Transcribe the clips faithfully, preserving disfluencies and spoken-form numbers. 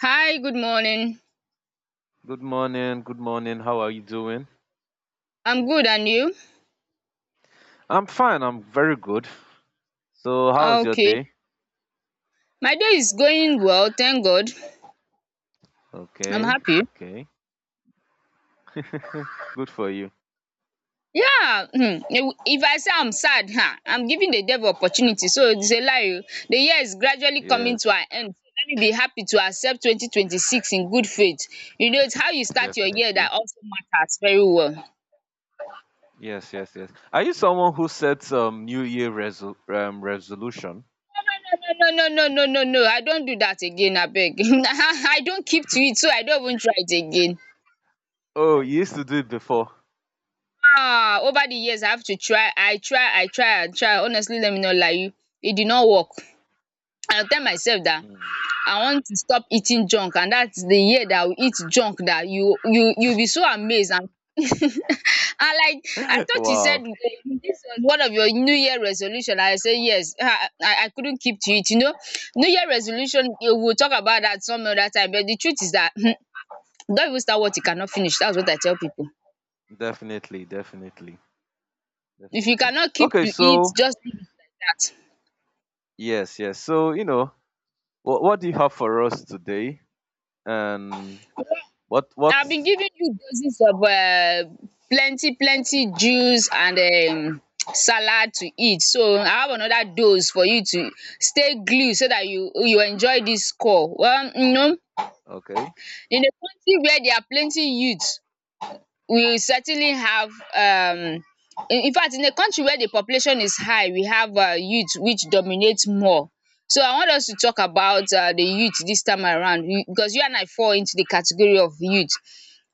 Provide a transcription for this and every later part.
Hi, good morning. Good morning. Good morning. How are you doing? I'm good, and you? I'm fine. I'm very good. So, how was your Okay. day? My day is going well, thank God. I'm Okay. happy. Okay. Good for you. Yeah, um if I say I'm sad um I'm giving the devil opportunity, so it's a lie oh. The year is gradually coming to Yes, an end. So let me be happy to accept twenty twenty six in good faith. You know, it's how you start your year definitely. that also matters very well. Yes, yes, yes. Are you someone who sets um New Year resol- um, resolution? No, no, no, no, no, no, no, no, I don't do that again abeg. I don't keep to it, so I don't even try it again. Oh, you used to do it before. Ah, over the years I have to try, I try, I try and try, honestly, let me not lie you, it did not work. I tell myself that. Hmm. I want to stop eating junk, and dat the year that I will eat junk, that you you you will be so amazed. And and like I thought you said Wow. this was one of your new year resolution, I say yes, um I I couldn't keep to it you know. New year resolution eh, we will talk about that some other time, but the truth is that don't even start what you cannot finish. That's what I tell people. Definitely, definitely, If you definitely. cannot keep Okay, to it, so just leave it like dat. yes, yes. So, you know, what what do you have for us today? And what I've been what's giving you doses of um plenty plenty juice and um salad to eat, so I have another dose for you to stay glu so dat you you enjoy dis call. Well, you know okay? in a country where there are plenty youth, we certainly have, um in in fact, in a country where the population is high, we have um youth which dominate more. So I want us to talk about um the youth dis time around, we- because you and I fall into the category of youth.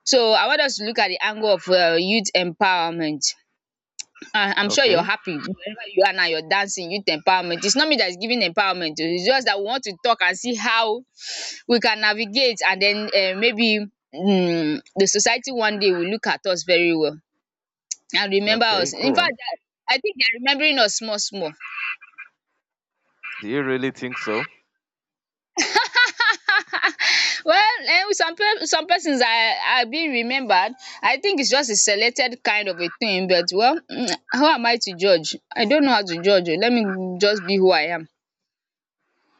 So I want us to look at the angle of um youth empowerment. um I'm sure you're Okay. happy wherever you are now, you're dancing youth empowerment. It's not me that is giving empowerment o, it's just that we want to talk and see how we can navigate, and then um maybe um the society one day will look at us very well and remember us. Okay, In go fact, on. I I think they are remembering us small small. Do you really think so? Well, um, some pe- some persons are are being remembered. I think it's just a selected kind of a thing, but well, mm, how am I to judge? I don't know how to judge oh. Let me just be who I am.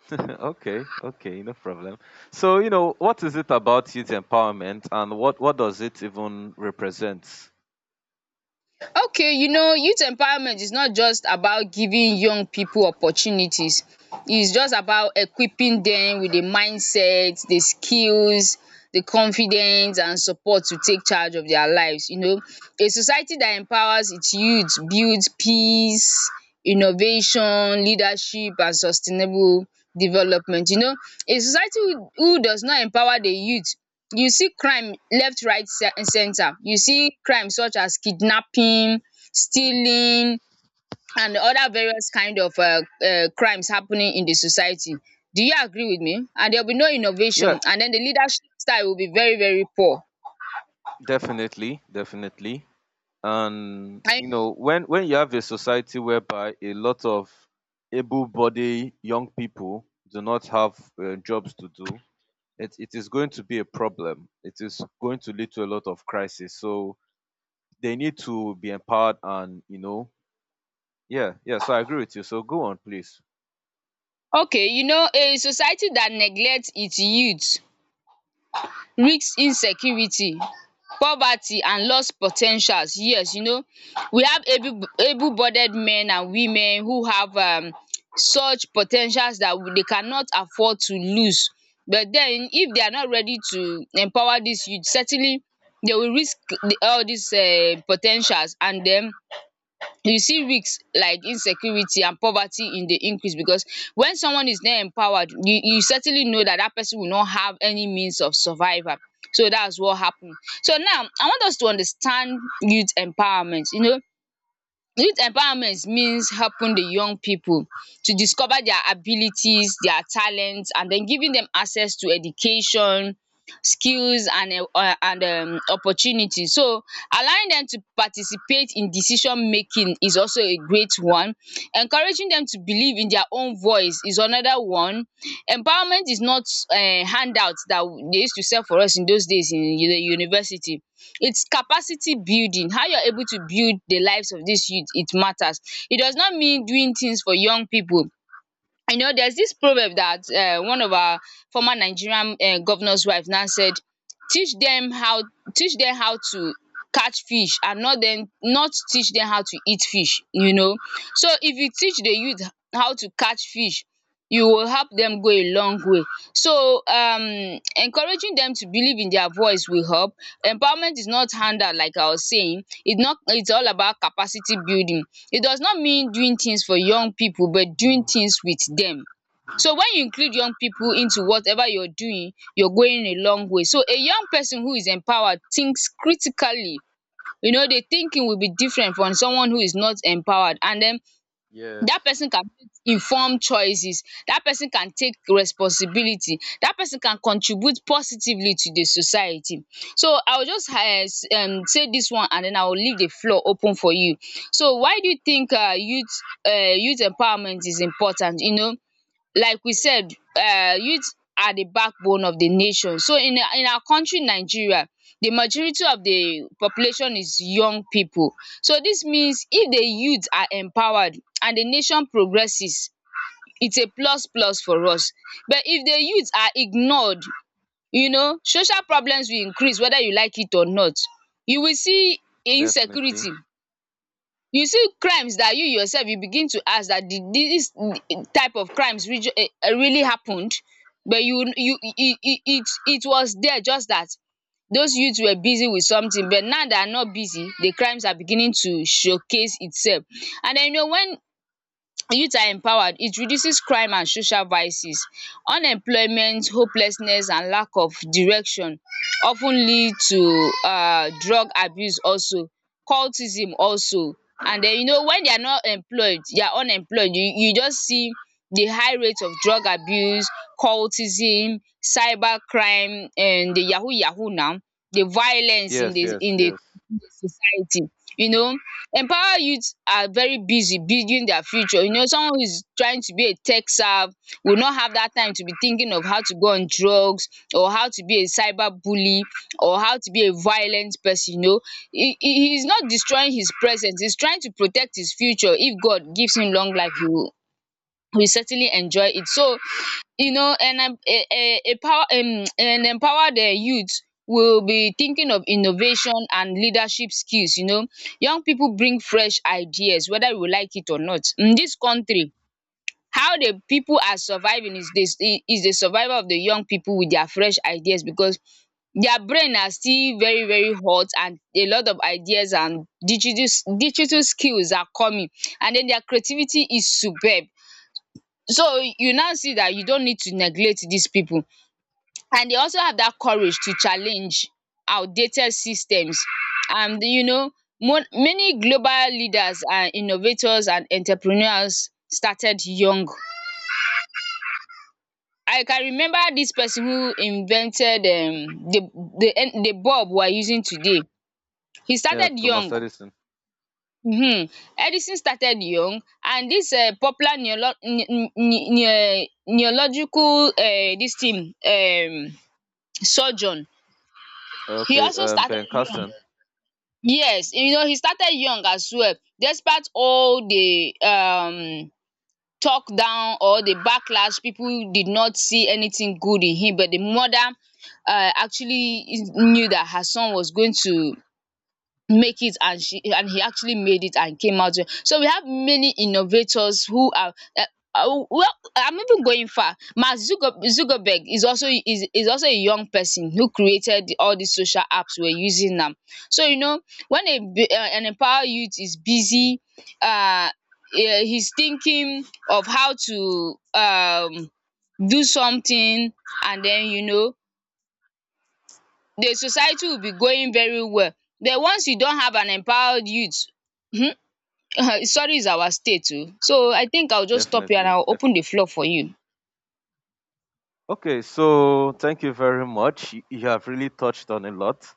Okay, okay, no problem. So, you know, what is it about youth empowerment and what, what does it even represent? Okay, you know, youth empowerment is not just about giving young people opportunities. It's just about equipping them with the mindset, the skills, the confidence and support to take charge of their lives, you know. A society that empowers its youth builds peace, innovation, leadership and sustainable development, you know. A society who who does not empower the youth, you see crime left, right, ce- and center. You see crime such as kidnapping, stealing and other various kind of um crimes happening in the society. Do you agree with me? And there will be no innovation, Yeah, and then the leadership style will be very very poor. definitely, definitely. And, And, you know, when, when you have a society whereby a lot of able bodied young people do not have uh, jobs to do, it, it is going to be a problem. It is going to lead to a lot of crisis. So, they need to be empowered and, you know, yeah, yeah. So I agree with you. So go on, please. okay, you know a society that neglect its youth risk insecurity, poverty and loss po ten tials. Yes, you know we have able able bodied men and women who have um such po ten tials that they cannot afford to lose, but then if they are not ready to empower these youth, certainly they will risk all these um po ten tials, and then you see risk like insecurity and poverty in the increase, because when someone is not empowered, you you certainly know that that person will not have any means of survival, so that's what happened. So now I want us to understand youth empowerment you know Youth empowerment means helping the young people to discover their abilities, their talents, and then giving them access to education, skills and um and um opportunity. So allowing them to participate in decision making is also a great one. Encouraging them to believe in their own voice is another one. Empowerment is not um handout that they used to sell for us in those days in the university. It's capacity building, how you're able to build the lives of these youth, it matters. It does not mean doing things for young people. You know there's this proverb that uh, one of our former Nigerian uh, governor's wife now said: teach them how teach them how to catch fish, and not then not teach them how to eat fish you know so if you teach the youth how to catch fish, you will help them go a long way. So um encouraging them to believe in their voice will help. Empowerment is not handout, like I was saying. It's not, it's all about capacity building. It does not mean doing things for young people, but doing things with them. So when you include young people into whatever you're doing, you're going a long way. So a young person who is empowered thinks critically. You know, the thinking will be different from someone who is not empowered, and then Yes. that person can make informed choices, that person can take responsibility, that person can contribute positively to the society. So I will just eh, s- um say this one, and then I will leave the floor open for you. So why do you think um youth um youth empowerment is important you know Like we said, um youth are the backbone of the nation. So in our in our country Nigeria, the majority of the population is young people. So this means if the youth are empowered and the nation progresses, it's a plus plus for us. But if the youth are ignored, you know social problems will increase, whether you like it or not. You will see Definitely. insecurity, you see crimes that you yourself, you begin to ask that, did this type of crimes really happened? But you you it it it it was there, just that those youths were busy with something. But now they are not busy, the crimes are beginning to showcase itself. And then, you know when youth are empowered, it reduces crime and social vices. Unemployment, hopelessness and lack of direction of ten lead to um drug abuse also, cultism also. And den, you know when they are not employed, they are unemployed, you you just see the high rate of drug abuse, cultism, cyber crime, um the yahoo yahoo now, the violence in Yes, the yes, in the yes. society you know Empower youth are very busy building their future. You know, someone who is trying to be a tech serve will not have that time to be thinking of how to go on drugs, or how to be a cyber bully, or how to be a violent person you know. He he is not destroying his present, he's trying to protect his future. If God gives him long life, he will, we certainly enjoy it. So, you know, and um, a, a, a power, um, and empower the youth will be thinking of innovation and leadership skills. You know, young people bring fresh ideas, whether we like it or not. In this country, how the people are surviving is, this is the survival of the young people with their fresh ideas, because their brain are still very very hot, and a lot of ideas and digital digital skills are coming, and then their creativity is superb. So you now see that you don't need to neglect these people, and they also have that courage to challenge outdated systems. And you know mo- many global leaders and innovators and entrepreneurs started young. I can remember this person who invented um the the en the bulb we are using today. He Yeah, started Thomas young. Edison. um Edison started young, and this um popular neolo ne ne ne neological, um this thing, um surgeon. He Okay, also um, started Ben young. Carson. Yes, you know, he started young as well, despite all the um talk down or the backlash. People did not see anything good in him, but the mother, um actually, is- knew that her son was going to make it, and she and he actually made it and came out well. So we have many innovators who are, um well, I'm even going far. Mark Zucker Zuckerberg is also is is also a young person who created all these social apps we're using now. So, you know when a b- uh, an empowered youth is busy, um he's thinking of how to um do something, and then, you know the society will be going very well. Then once you don't have an empowered youth, sorry is our state too. So I think I'll just stop here, and Definitely, I'll open definitely. the floor for you. Okay, so thank you very much. You you have really touched on a lot.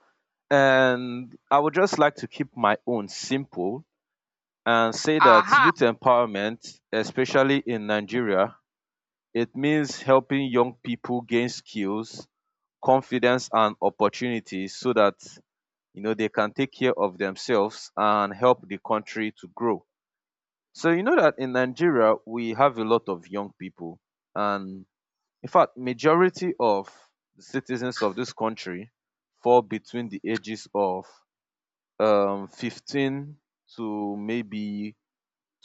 And I would just like to keep my own simple and say that Aha! youth empowerment, especially in Nigeria, it means helping young people gain skills, confidence, and opportunities so that you know they can take care of themselves and help the country to grow. So you know that in Nigeria we have a lot of young people, and in fact majority of the citizens of this country fall between the ages of um fifteen to maybe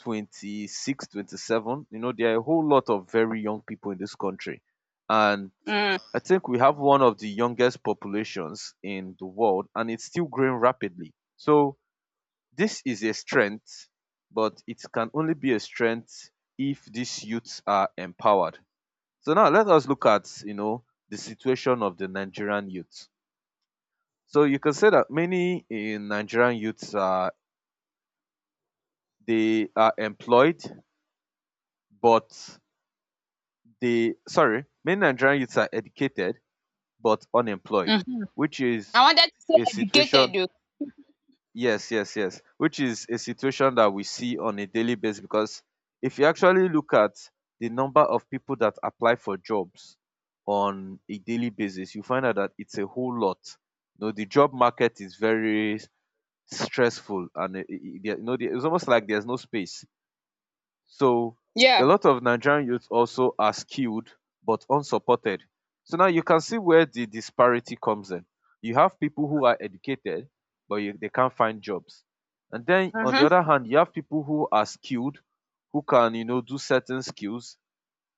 twenty-six twenty-seven. You know, there are a whole lot of very young people in this country, and um I think we have one of the youngest populations in the world and it's still growing rapidly. So this is a strength, but it can only be a strength if these youths are empowered. So now let us look at, you know, the situation of the Nigerian youth. So you can say that many eh, Nigerian youths are they are employed, but they sorry, many Nigerian youths are educated but unemployed, um which I is wanted to say a situation. educated oh. Yes, yes, yes. Which is a situation that we see on a daily basis, because if you actually look at the number of people that apply for jobs on a daily basis, you find out that it's a whole lot. You know, the job market is very stressful and it, it, it- you know, it's almost like there's no space. So Yeah. a lot of Nigerian youth also are skilled but unsupported. So now you can see where the disparity comes in. You have people who are educated but you, they can't find jobs. And then on the um other hand, you have people who are skilled, who can, you know, do certain skills,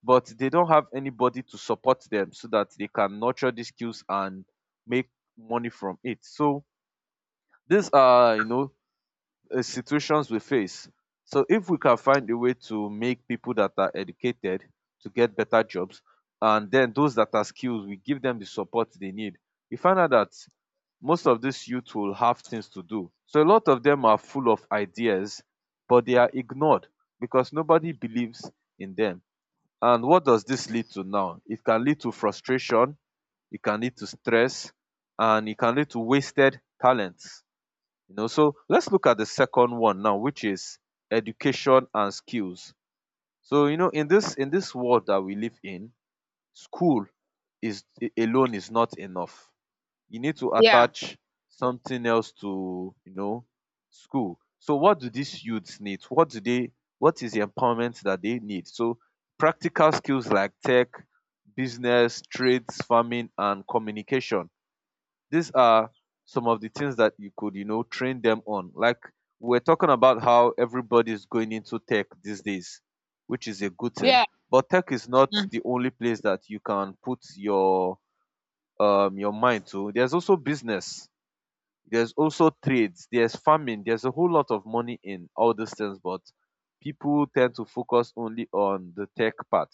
but they don't have anybody to support them so that they can nurture these skills and make money from it. So these are, you know, uh, situations we face. So if we can find a way to make people that are educated to get better jobs, and then those that are skilled, we give them the support they need. You find out that most of these youth will have things to do. So a lot of them are full of ideas, but they are ignored because nobody believes in them. And what does this lead to now? It can lead to frustration, it can lead to stress, and it can lead to wasted talents. You know, so let's look at the second one now, which is education and skills. So you know, in this in this world that we live in, school is a- alone is not enough. You need to Yeah. attach something else to you know school. So what do these youths need? What do they? What is the empowerment that they need? So practical skills like tech, business, trades, farming, and communication, these are some of the things that you could you know train them on. Like we're talking about how everybody is going into tech these days, which is a good thing, Yeah. but tech is not um the only place that you can put your um your mind to. There's also business, there's also trades, there's farming, there's a whole lot of money in all these things, but people tend to focus only on the tech part.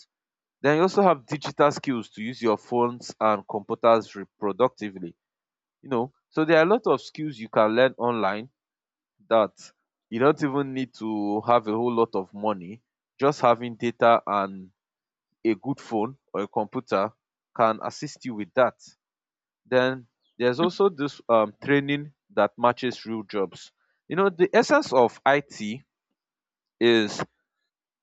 Then you also have digital skills to use your phones and computers reproductively, you know. So there are a lot of skills you can learn online, that you don't even need to have a whole lot of money. Just having data and a good phone or a computer can assist you with that. Then there's also this um, training that matches real jobs. You know, the essence of it is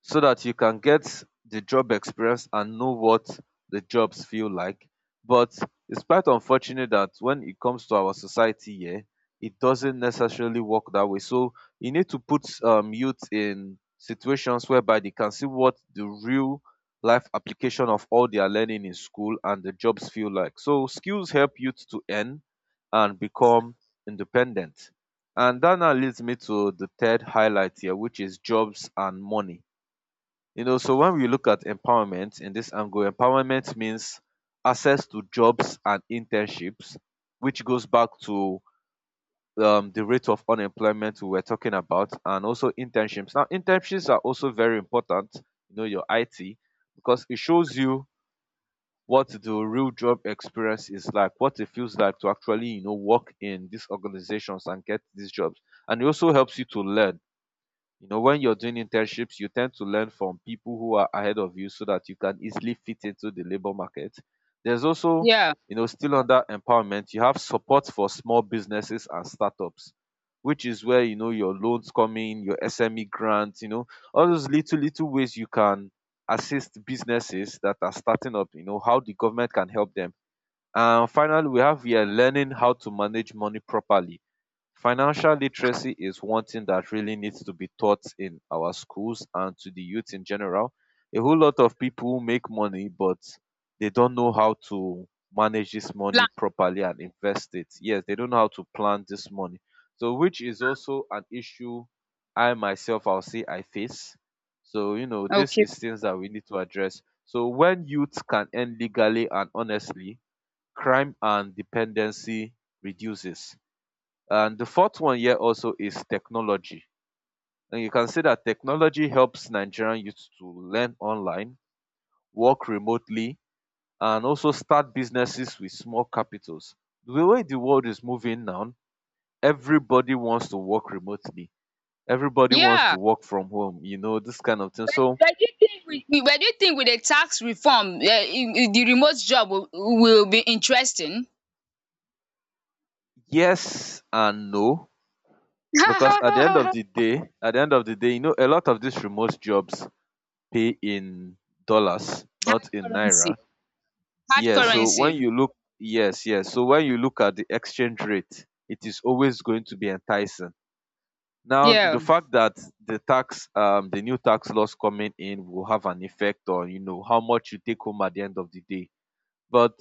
so that you can get the job experience and know what the jobs feel like. But it's quite unfortunate that when it comes to our society here, it doesn't necessarily work that way. So you need to put um, youth in situations whereby they can see what the real life application of all they are learning in school and the jobs feel like. So skills help youth to earn and become independent. And that now leads me to the third highlight here, which is jobs and money. You know, so when we look at empowerment in this angle, empowerment means access to jobs and internships, which goes back to um, the rate of unemployment we were talking about, and also internships. Now, internships are also very important, you know, your I T, because it shows you what the real job experience is like, what it feels like to actually, you know, work in these organizations and get these jobs. And it also helps you to learn you know, when you're doing internships, you tend to learn from people who are ahead of you so that you can easily fit into the labor market. There's also, yeah. you know, still under empowerment, you have support for small businesses and startups, which is where, you know, your loans come in, your S M E grants, you know, all those little, little ways you can assist businesses that are starting up, you know, how the government can help them. And finally, we have here learning how to manage money properly. Financial literacy is one thing that really needs to be taught in our schools and to the youth in general. A whole lot of people make money, but they don't know how to manage this Plan. money properly and invest it. Yes, they don't know how to plan this money. So, which is also an issue I myself, I'll say I face. So, you know, this Okay. is things that we need to address. So, when youth can earn legally and honestly, crime and dependency reduces. And the fourth one here also is technology. And you can see that technology helps Nigerian youth to learn online, work remotely, and also start businesses with small capitals. The way the world is moving now, everybody wants to work remotely. Everybody wants to Yeah. work from home, you know, this kind of thing. So, But do you think with with- but do you think with the tax reform um the remote job will will be interesting? yes and no, because at the end of Hard the day, at the end of the day, you know, a lot of these remote jobs pay in dollars, not in currency. naira. Hard Yeah, so when currency. you look yes, yes. So when you look at the exchange rate, it is always going to be enticing. Now, Yeah. the fact that the tax, um, the new tax laws coming in will have an effect on, you know, how much you take home at the end of the day. But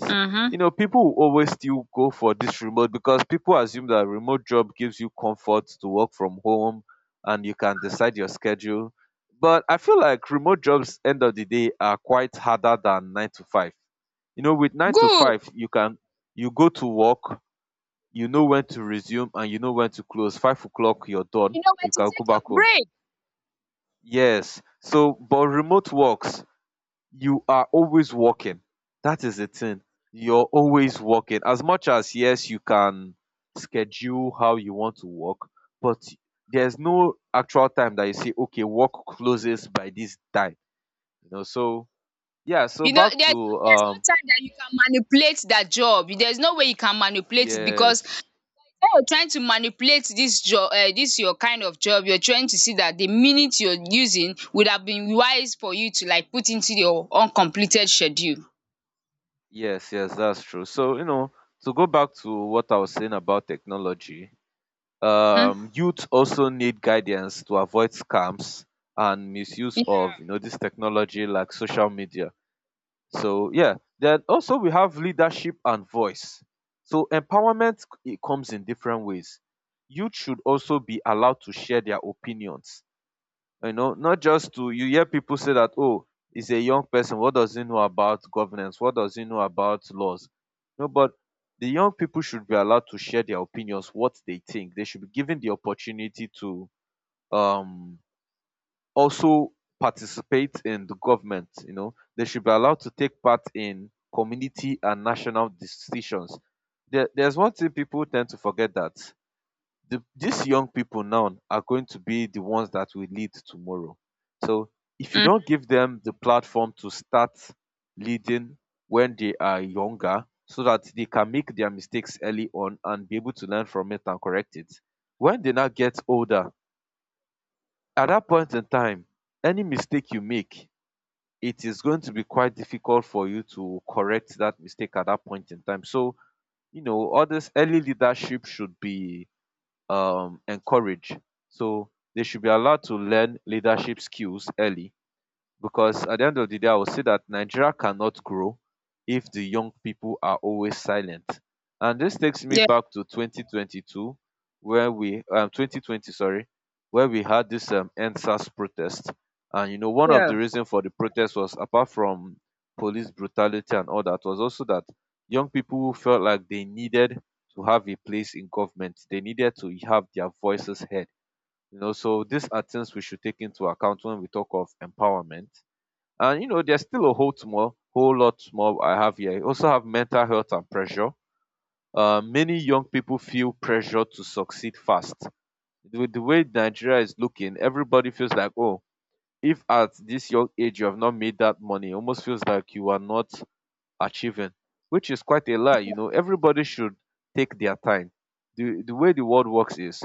you um know, people will always still go for this remote because people assume that remote job gives you comfort to work from home and you can decide your schedule. But I feel like remote jobs end of the day are quite harder than nine to five. You know, with nine to Good. five, you can you go to work, you know when to resume and you know when to close. Five o'clock, you're done. You know You when to can go take your back home. break. Yes. So, but remote works you are always working. That is the thing. You're always working. As much as yes, you can schedule how you want to work, but there's no actual time that you say, okay, work closes by this time. You know, so yeah, so You know, back there's to no there's no um time that you can manipulate that job. There's no way you can manipulate it because yes, when you're trying to manipulate this job, uh, this your kind of job, you're trying to see that the minute you're using would have been wise for you to like put into your uncompleted schedule. yes, yes, that's true. So, you know, to go back to what I was saying about technology, Mhm. um youth also need guidance to avoid scams and misuse of Yeah. you know this technology like social media. So yeah, then also we have leadership and voice. So empowerment it comes in different ways. Youth should also be allowed to share their opinions, you know, not just to you hear people say that, oh, he's a young person. What does he know about governance? What does he know about laws? No, but the young people should be allowed to share their opinions, what they think. They should be given the opportunity to um also participate in the government, you know. They should be allowed to take part in community and national decisions. There, there's one thing people tend to forget that the, these young people now are going to be the ones that will lead tomorrow. So if you Mm. don't give them the platform to start leading when they are younger, so that they can make their mistakes early on and be able to learn from it and correct it, when they now get older, at that point in time, any mistake you make, it is going to be quite difficult for you to correct that mistake at that point in time. So, you know, all this early leadership should be um encourage, so they should be allowed to learn leadership skills early, because at the end of the day, I will say that Nigeria cannot grow if the young people are always silent. And this takes me Yeah. back to twenty twenty-two, where we um twenty twenty, sorry, where we had this um N S A S protest. And you know, one of the Yeah. reasons for the protest was, apart from police brutality and all that, was also that young people felt like they needed to have a place in government. They needed to have their voices heard. You know, so these are things we should take into account when we talk of empowerment. And you know, there's still a whole more whole lot more I have here. I also have mental health and pressure. Uh, many young people feel pressure to succeed fast. With the way Nigeria is looking, everybody feels like, oh, if at this young age you have not made that money, it almost feels like you are not achieving, which is quite a lie. You know, everybody should take their time. The, the way the world works is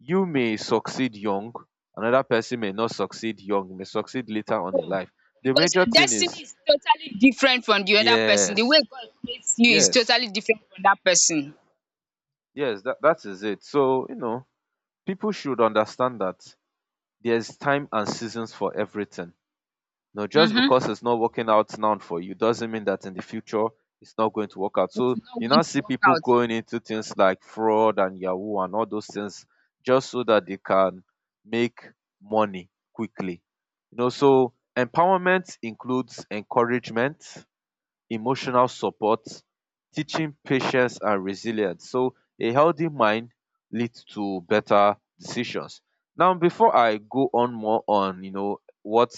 you may succeed young, another person may not succeed young, may succeed later on No, in life. The because major your thing destiny is is totally different from the other person. The way yes, God creates you is yes, totally different from that person. yes, that, that is it. So, you know, people should understand that there's time and seasons for everything. Now, just Mm-hmm. because it's not working out now for you doesn't mean that in the future it's not going to work out. It's So, not you going now to see work people out. going into things like fraud and Yahoo and all those things just so that they can make money quickly. You know, so empowerment includes encouragement, emotional support, teaching patience and resilience. So a healthy mind leads to better decisions. Now, before I go on more on, you know, what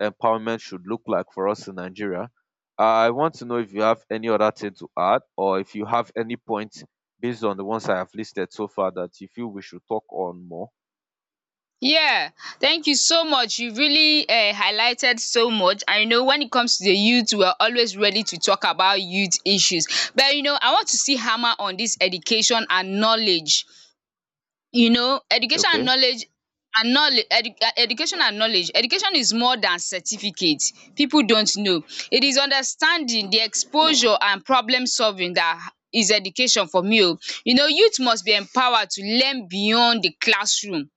empowerment should look like for us in Nigeria, I want to know if you have any other thing to add or if you have any point based on the ones I have listed so far that you feel we should talk on more. Yeah, thank you so much. You really um highlighted so much. I know when it comes to the youth we are always ready to talk about youth issues, but you know I want to see hammer on this education and knowledge. You know, education and Okay. knowledge and knowle education and knowledge. Education is more than certificate. People don't know. It is understanding, the exposure and problem solving, that is education for me oh. You know, youth must be empowered to learn beyond the classroom.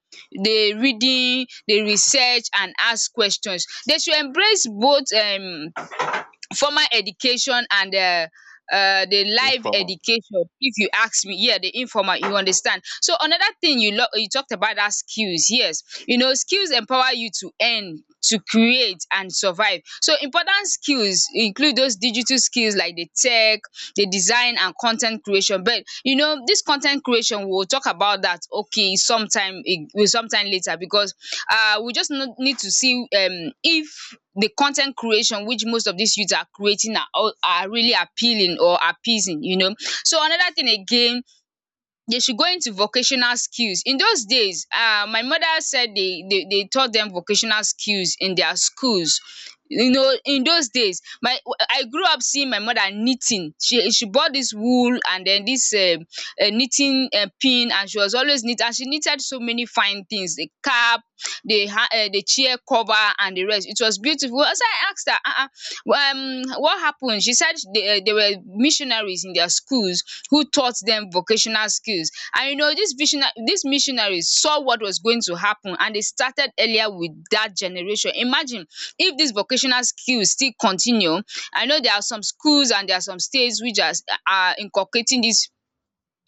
Dey reading, dey research and ask questions. They should embrace both um formal education and um um the life Informal. education, if you ask me, yeah, the informal, you understand. So another thing you lo- you talked about dat skills, yes. You know skills empower you to earn, to create and survive. So important skills include those digital skills like the tech, the design and con ten t creation. But you know dis con ten t creation we will talk about dat okay sometime we sometime later because um we just no- need to see um if the con ten t creation which most of dis youth are creating are all- are really appealing or appeasing, you know. So another thing again, they should go into vocational skills. In those days, um, my mother said they, they, they taught them vocational skills in their schools. You know, in those days, my I grew up seeing my mother knitting. She she bought this wool and then this um, uh, knitting uh, pin, and she was always knit. And she knitted so many fine things: the cap, the ha- uh, the chair cover, and the rest. It was beautiful. So I asked her, uh-uh, um what happened. She said they, eh, they were missionaries in their schools who taught them vocational skills. And you know, these visionary these missionaries saw what was going to happen and they started earlier with that generation. Imagine if these vocational skills still continue. I know there are some schools and there are some states which are are inculcating these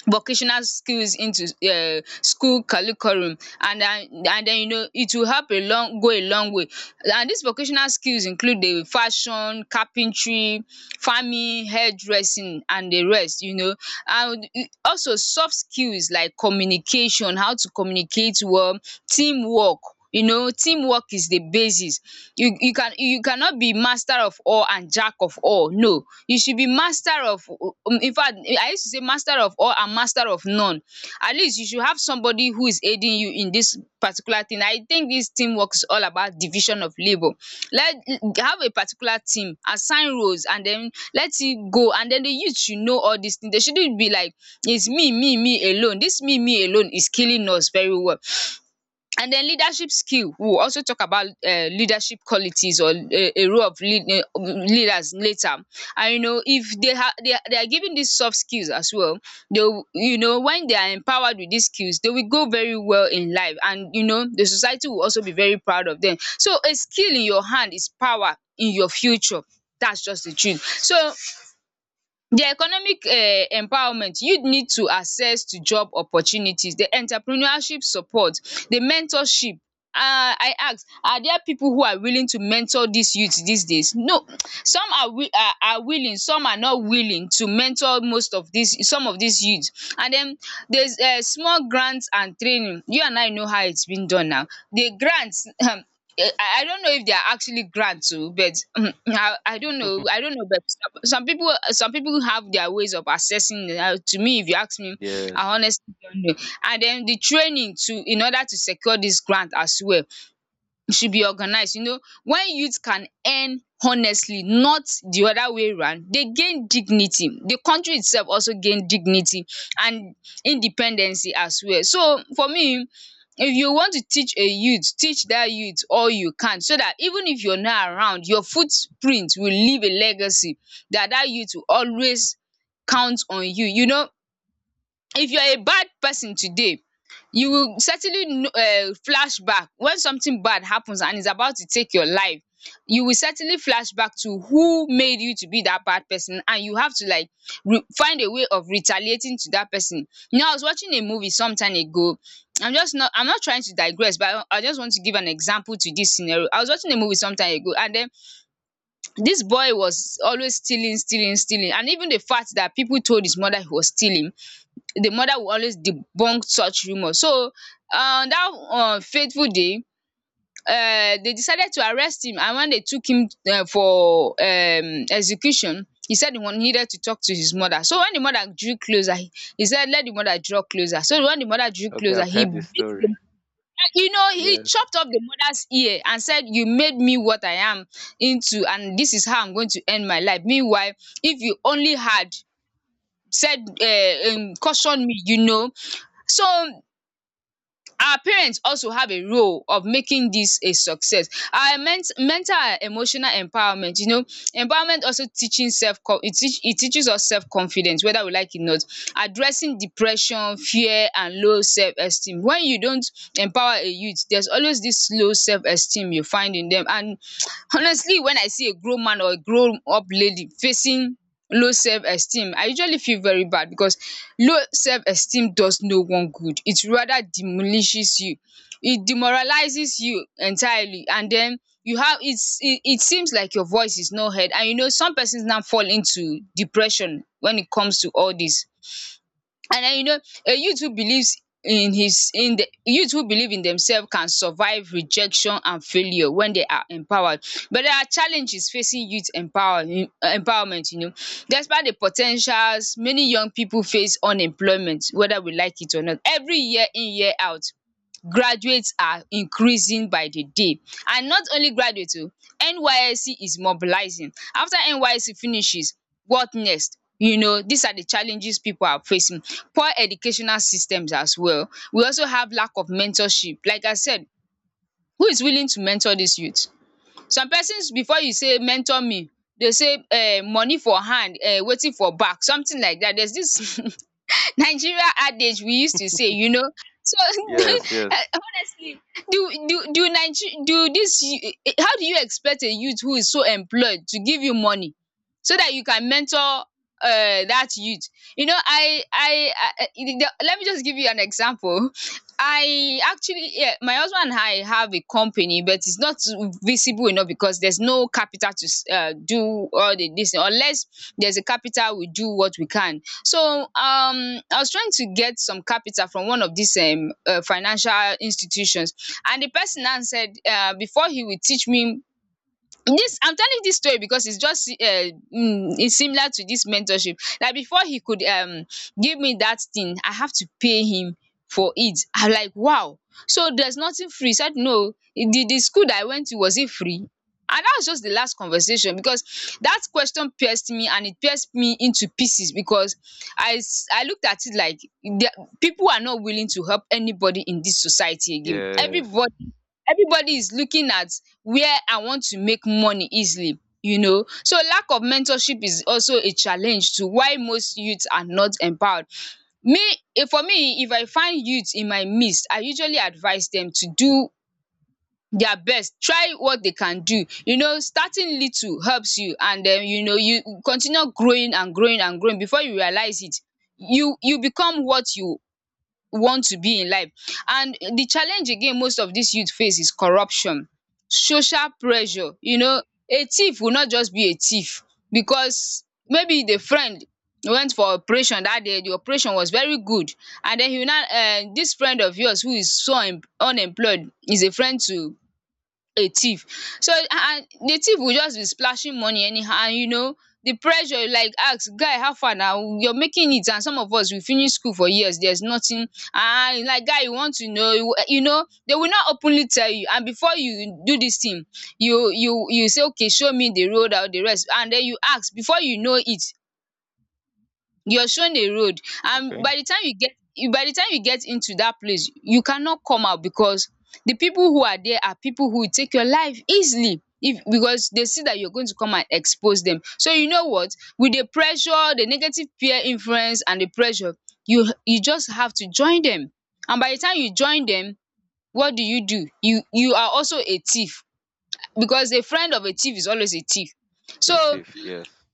vocational skills into um school curriculum, and and and then you know it will help a long go a long way. And dis vocational skills include di fashion, carpentry, farming, hairdressing and di rest, you know. And also soft skills like communication, how to communicate well, team work. You know team work is di basis. You you can you cannot be master of all and jack of all, no, you should be master of um infact I use to say master of all and master of none. At least you should have somebody who is aiding you in this particular thing. I think this teamwork is all about division of labor. Let have a particular team, assign roles and then let it go, and then the youth should know all these things. They shouldn't be like it's me me me alone. This me me alone is killing us very well. And then leadership skill, we will also talk about um leadership qualities or a a role of lead, eh, leaders later. And you know if they have they, are they are given these soft skills as well, they will, you know, when they are empowered with these skills they will go very well in life, and you know the society will also be very proud of them. So a skill in your hand is power in your future, that's just the truth. So di economic um empowerment, youth need to access to job opportunities, di entrepreneurship support, di mentorship. um I ask, are there people who are willing to mentor dis youth dis days? No. Some are wi are are willing, some are not willing to mentor most of dis some of dis youth. And den there is um small grant and training, you and I know how its been done now. Di grant um eh, I I don't know if they are actually grants too, but mm, mm, I, I don't know. I don't know, but some some people some people have their ways of assessing. It. Uh, to me, if you ask me, Yes. I honestly don't know. And then the training to in order to secure this grant as well, e should be organized. You know, when youth can earn honestly, not the other way round, they gain dignity. The country itself also gain dignity and independency as well. So for me, if you want to teach a youth, teach that youth all you can so that even if you're not around, your footprint will leave a legacy that that youth will always count on you. You know, if you're a bad person today, you will certainly um flash back when something bad happens and is about to take your life. You will certainly flash back to who made you to be that bad person and you have to like re find a way of retaliating to that person. You know, I was watching a movie some time ago, I'm just not I'm not trying to digress but I I just want to give an example to this scenario. I was watching a movie some time ago and then this boy was always stealing stealing stealing, and even the fact that people told his mother he was stealing, the mother will always debunk such rumour. So on dat um fateful day, um they decided to arrest him, and when they took him um for um execution he said he wan needed to talk to his mother. So when the mother drew closer he said let the mother draw closer. So when the mother drew Okay, closer I've he heard this beat the story. you know he Yes. chopped off the mother's ear and said you made me what I am into, and this is how I'm going to end my life. Meanwhile, if you only had said uh, Co- um cautioned me, you know. So our parents also have a role of making this a success. Our ment mental and emotional empowerment, you know, empowerment also teaching self it teach it teaches us self confidence, whether we like it or not. Addressing depression, fear and low self esteem. When you don't empower a youth there's always this low self esteem you find in them. And honestly when I see a grown man or a grown up lady facing low self-esteem, I usually feel very bad because low self-esteem does no one good. It rather demolishes you. It demoralizes you entirely, and den you have it's it it seems like your voice is not heard, and you know some persons now fall into depression when it comes to all dis. And then you know a youth who believes in his in the youth who believe in themselves can survive rejection and failure when they are empowered. But there are challenges facing youth empower empowerment, you know. Despite the po ten tials, many young people face unemployment, whether we like it or not. Every year in year out, graduates are increasing by the day. And not only graduates o, N Y S C is mobilizing. After N Y S C finishes, what next? You know, these are the challenges people are facing. Poor educational systems as well. We also have lack of mentorship. Like I said, who is willing to mentor these youth? Some persons, before you say mentor me, dey say um money for hand, um wetin for back, something like that. There's this Nigeria adage we used to say, you know. So Yes, yes. eh, honestly, do do do Niger- do this y- eh, how do you expect a youth who is so employed to give you money so that you can mentor uh that youth? You know, I I, I eh, the, let me just give you an example. I actually, yeah, my husband and I have a company, but it's not visible enough because there's no capital to s- uh, do all the this. Unless there's a capital, we do what we can. So um I was trying to get some capital from one of these um um financial institutions, and the person now said, um before he will teach me this. I'm telling this story because it's just uh, mm, it's similar to this mentorship. Like before he could um give me that thing I have to pay him for it. I'm like, wow, so there's nothing free? He said, no, the the school that I went to, was it free? And that was just the last conversation because that question pierced me, and it pierced me into pieces because i s- i looked at it like, the, people are not willing to help anybody in this society again. Yes. Everybody everybody is looking at where I want to make money easily, you know. So lack of mentorship is also a challenge to why most youths are not empowered. Me eh, for me, if I find youths in my midst, I usually advise them to do their best, try what they can do. You know starting little helps you, and then you know you continue growing and growing and growing. Before you realize it, you you become what you want to be in life. And the challenge again most of these youth face is corruption, social pressure. You know, a thief will not just be a thief because maybe the friend went for operation that day, the operation was very good, and den you now um dis friend of yours who is so un- unemployed is a friend to a thief. So and the thief will just be splashing money anyhow, and you know the pressure, you like ask, 'guy how far na you're making it, and some of us we finish school for years there's nothing. And like, 'guy you want to know, you you know they will not openly tell you, and before you do dis thing, you you you say, okay, show me the road and all the rest, and den you ask. Before you know it, you're shown a road, and Okay. by the time you get you by the time you get into that place you cannot come out, because the people who are there are people who will take your life easily if because they see that you're going to come and expose them. So you know what, with the pressure, the negative peer influence and the pressure, you you just have to join them. And by the time you join them, what do you do? You you are also a thief, because a friend of a thief is always a thief. It's So if yes.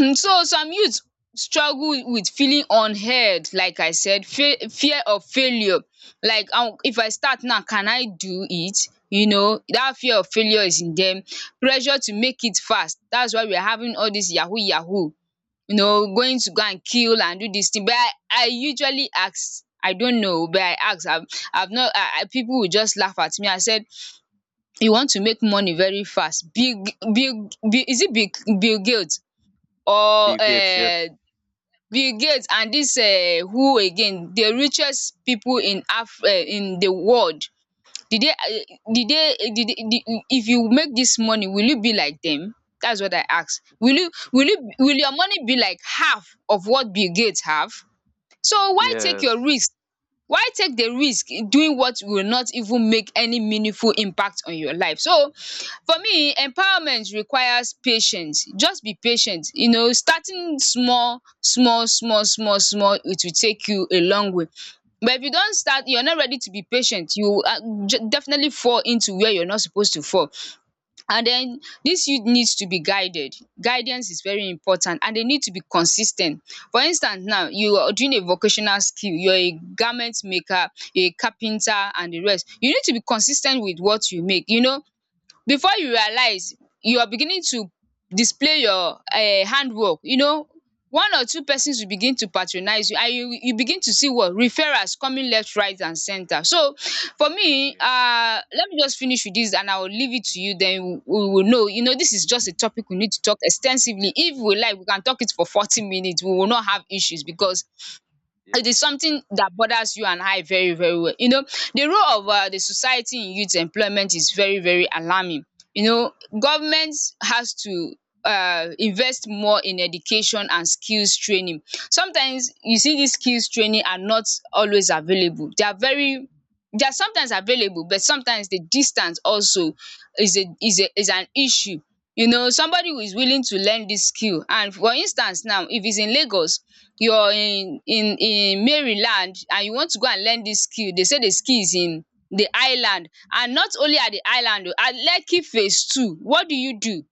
um so some youths struggle with feeling unheard, like I said, fe- fear of failure. Like um if I start now can I do it? You know, that fear of failure is in them. Pressure to make it fast, that's why we are having all this yahoo yahoo, you know, going to go and kill and do this thing. But i i usually ask, I don't know, but I ask. I've i've not, i i people will just laugh at me. I said, you want to make money very fast. Big, big, bill is it big, bill bill Gates? Or Bill Gates, um yes. Bill Gates and dis um who again, the richest pipo in Af um in the world did di day di did did. If you make dis money will you be like dem? Dats what I ask. Will you will you will your money be like half of what Bill Gates have? So why take your Yes. risk? Why take the risk doing what will not even make any meaningful impact on your life? So for me empowerment requires patience. Just be patient. You know, starting small small small small small, it will take you a long way. But if you don't start, you are not ready to be patient. You um definitely fall into where you are not supposed to fall. And den dis youth needs to be guided. Guidance is very important and dey need to be consis ten t. For instance now, you are doing a vocational skill, you are a garment maker, a carpenter and the rest. You need to be consis ten t with what you make. You know, before you realize you are beginning to display your um handwork, you know, one or two persons will begin to patronize you and you you begin to see what referrals coming left right and center. So for me Yeah. um let me just finish with this and I will leave it to you, then we will know. You know, this is just a topic we need to talk ex ten sively. If we like we can talk it for forty minutes, we will not have issues because Yeah. it is something that bothers you and I very very well. You know, the role of um the society in youth employment is very very alarming. You know, government has to um invest more in education and skills training. Sometimes you see dis skills training are not always available. They are very they are sometimes available, but sometimes the distance also is a is a is an issue. You know, somebody who is willing to learn dis skill, and for instance now if is in Lagos, you're in in in Maryland and you want to go and learn dis skill, dey say the skill is in the island, and not only at the island o, at Lekki phase two. What do you do?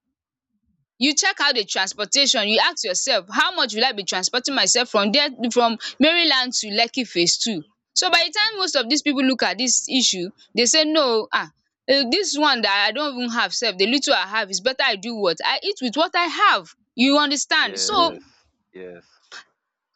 You check out the transportation, you ask yourself, how much will I be transporting myself from there, from Maryland to Lekki phase two? So by the time most of dis people look at dis issue, dey say no o um dis one that I don't even have sef, the little I have is better, I do what I eat with what I have. You understand. So Yes. Yes.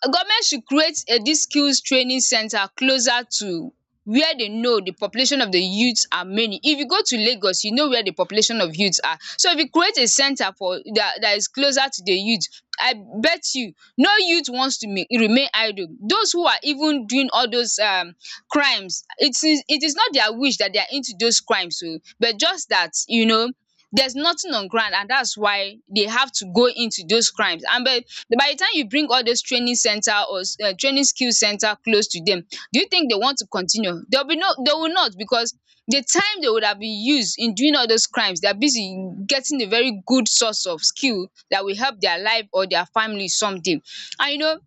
government should create a, these skills training center closer to where they know the population of the youths are many. If you go to Lagos, you know where the population of youths are. So if you create a center for that that is closer to the youth, I bet you, no youth wants to ma- remain idle. Those who are even doing all those um crimes, it is it is not their wish that they are into those crimes oh, but just that you know there's nothing on ground and that's why they have to go into those crimes. And but by the time you bring all those training center or um training skill center close to them, do you think they want to continue? They will be no, they will not, because the time they would have been used in doing all those crimes, they are busy getting a very good source of skill that will help their life or their family someday. And you know,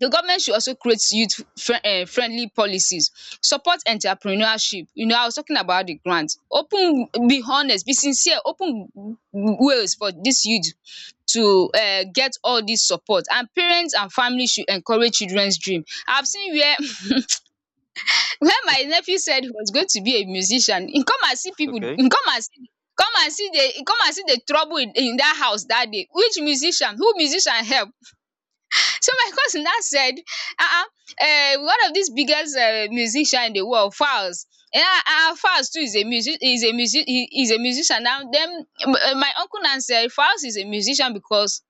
the government should also create youth um friendly policies, support entrepreneurship. You know, I was talking about the grant. Open, be honest, be sincere, open ways for this youth to um get all this support, and parents and families should encourage children's dream. I have seen where where my nephew said he was going to be a musician. E come and see people. Okay. E come and see, come and see the, e come and see the trouble in in dat house that day. Which musician? Who musician help? So my cousin now said, "Ah ah, eh, one of these biggest uh, musician in the world, Falz. Yeah, ah, Falz too is a music, is a music, he is a musician." Now, then m- eh, my uncle now said, "Falz is a musician because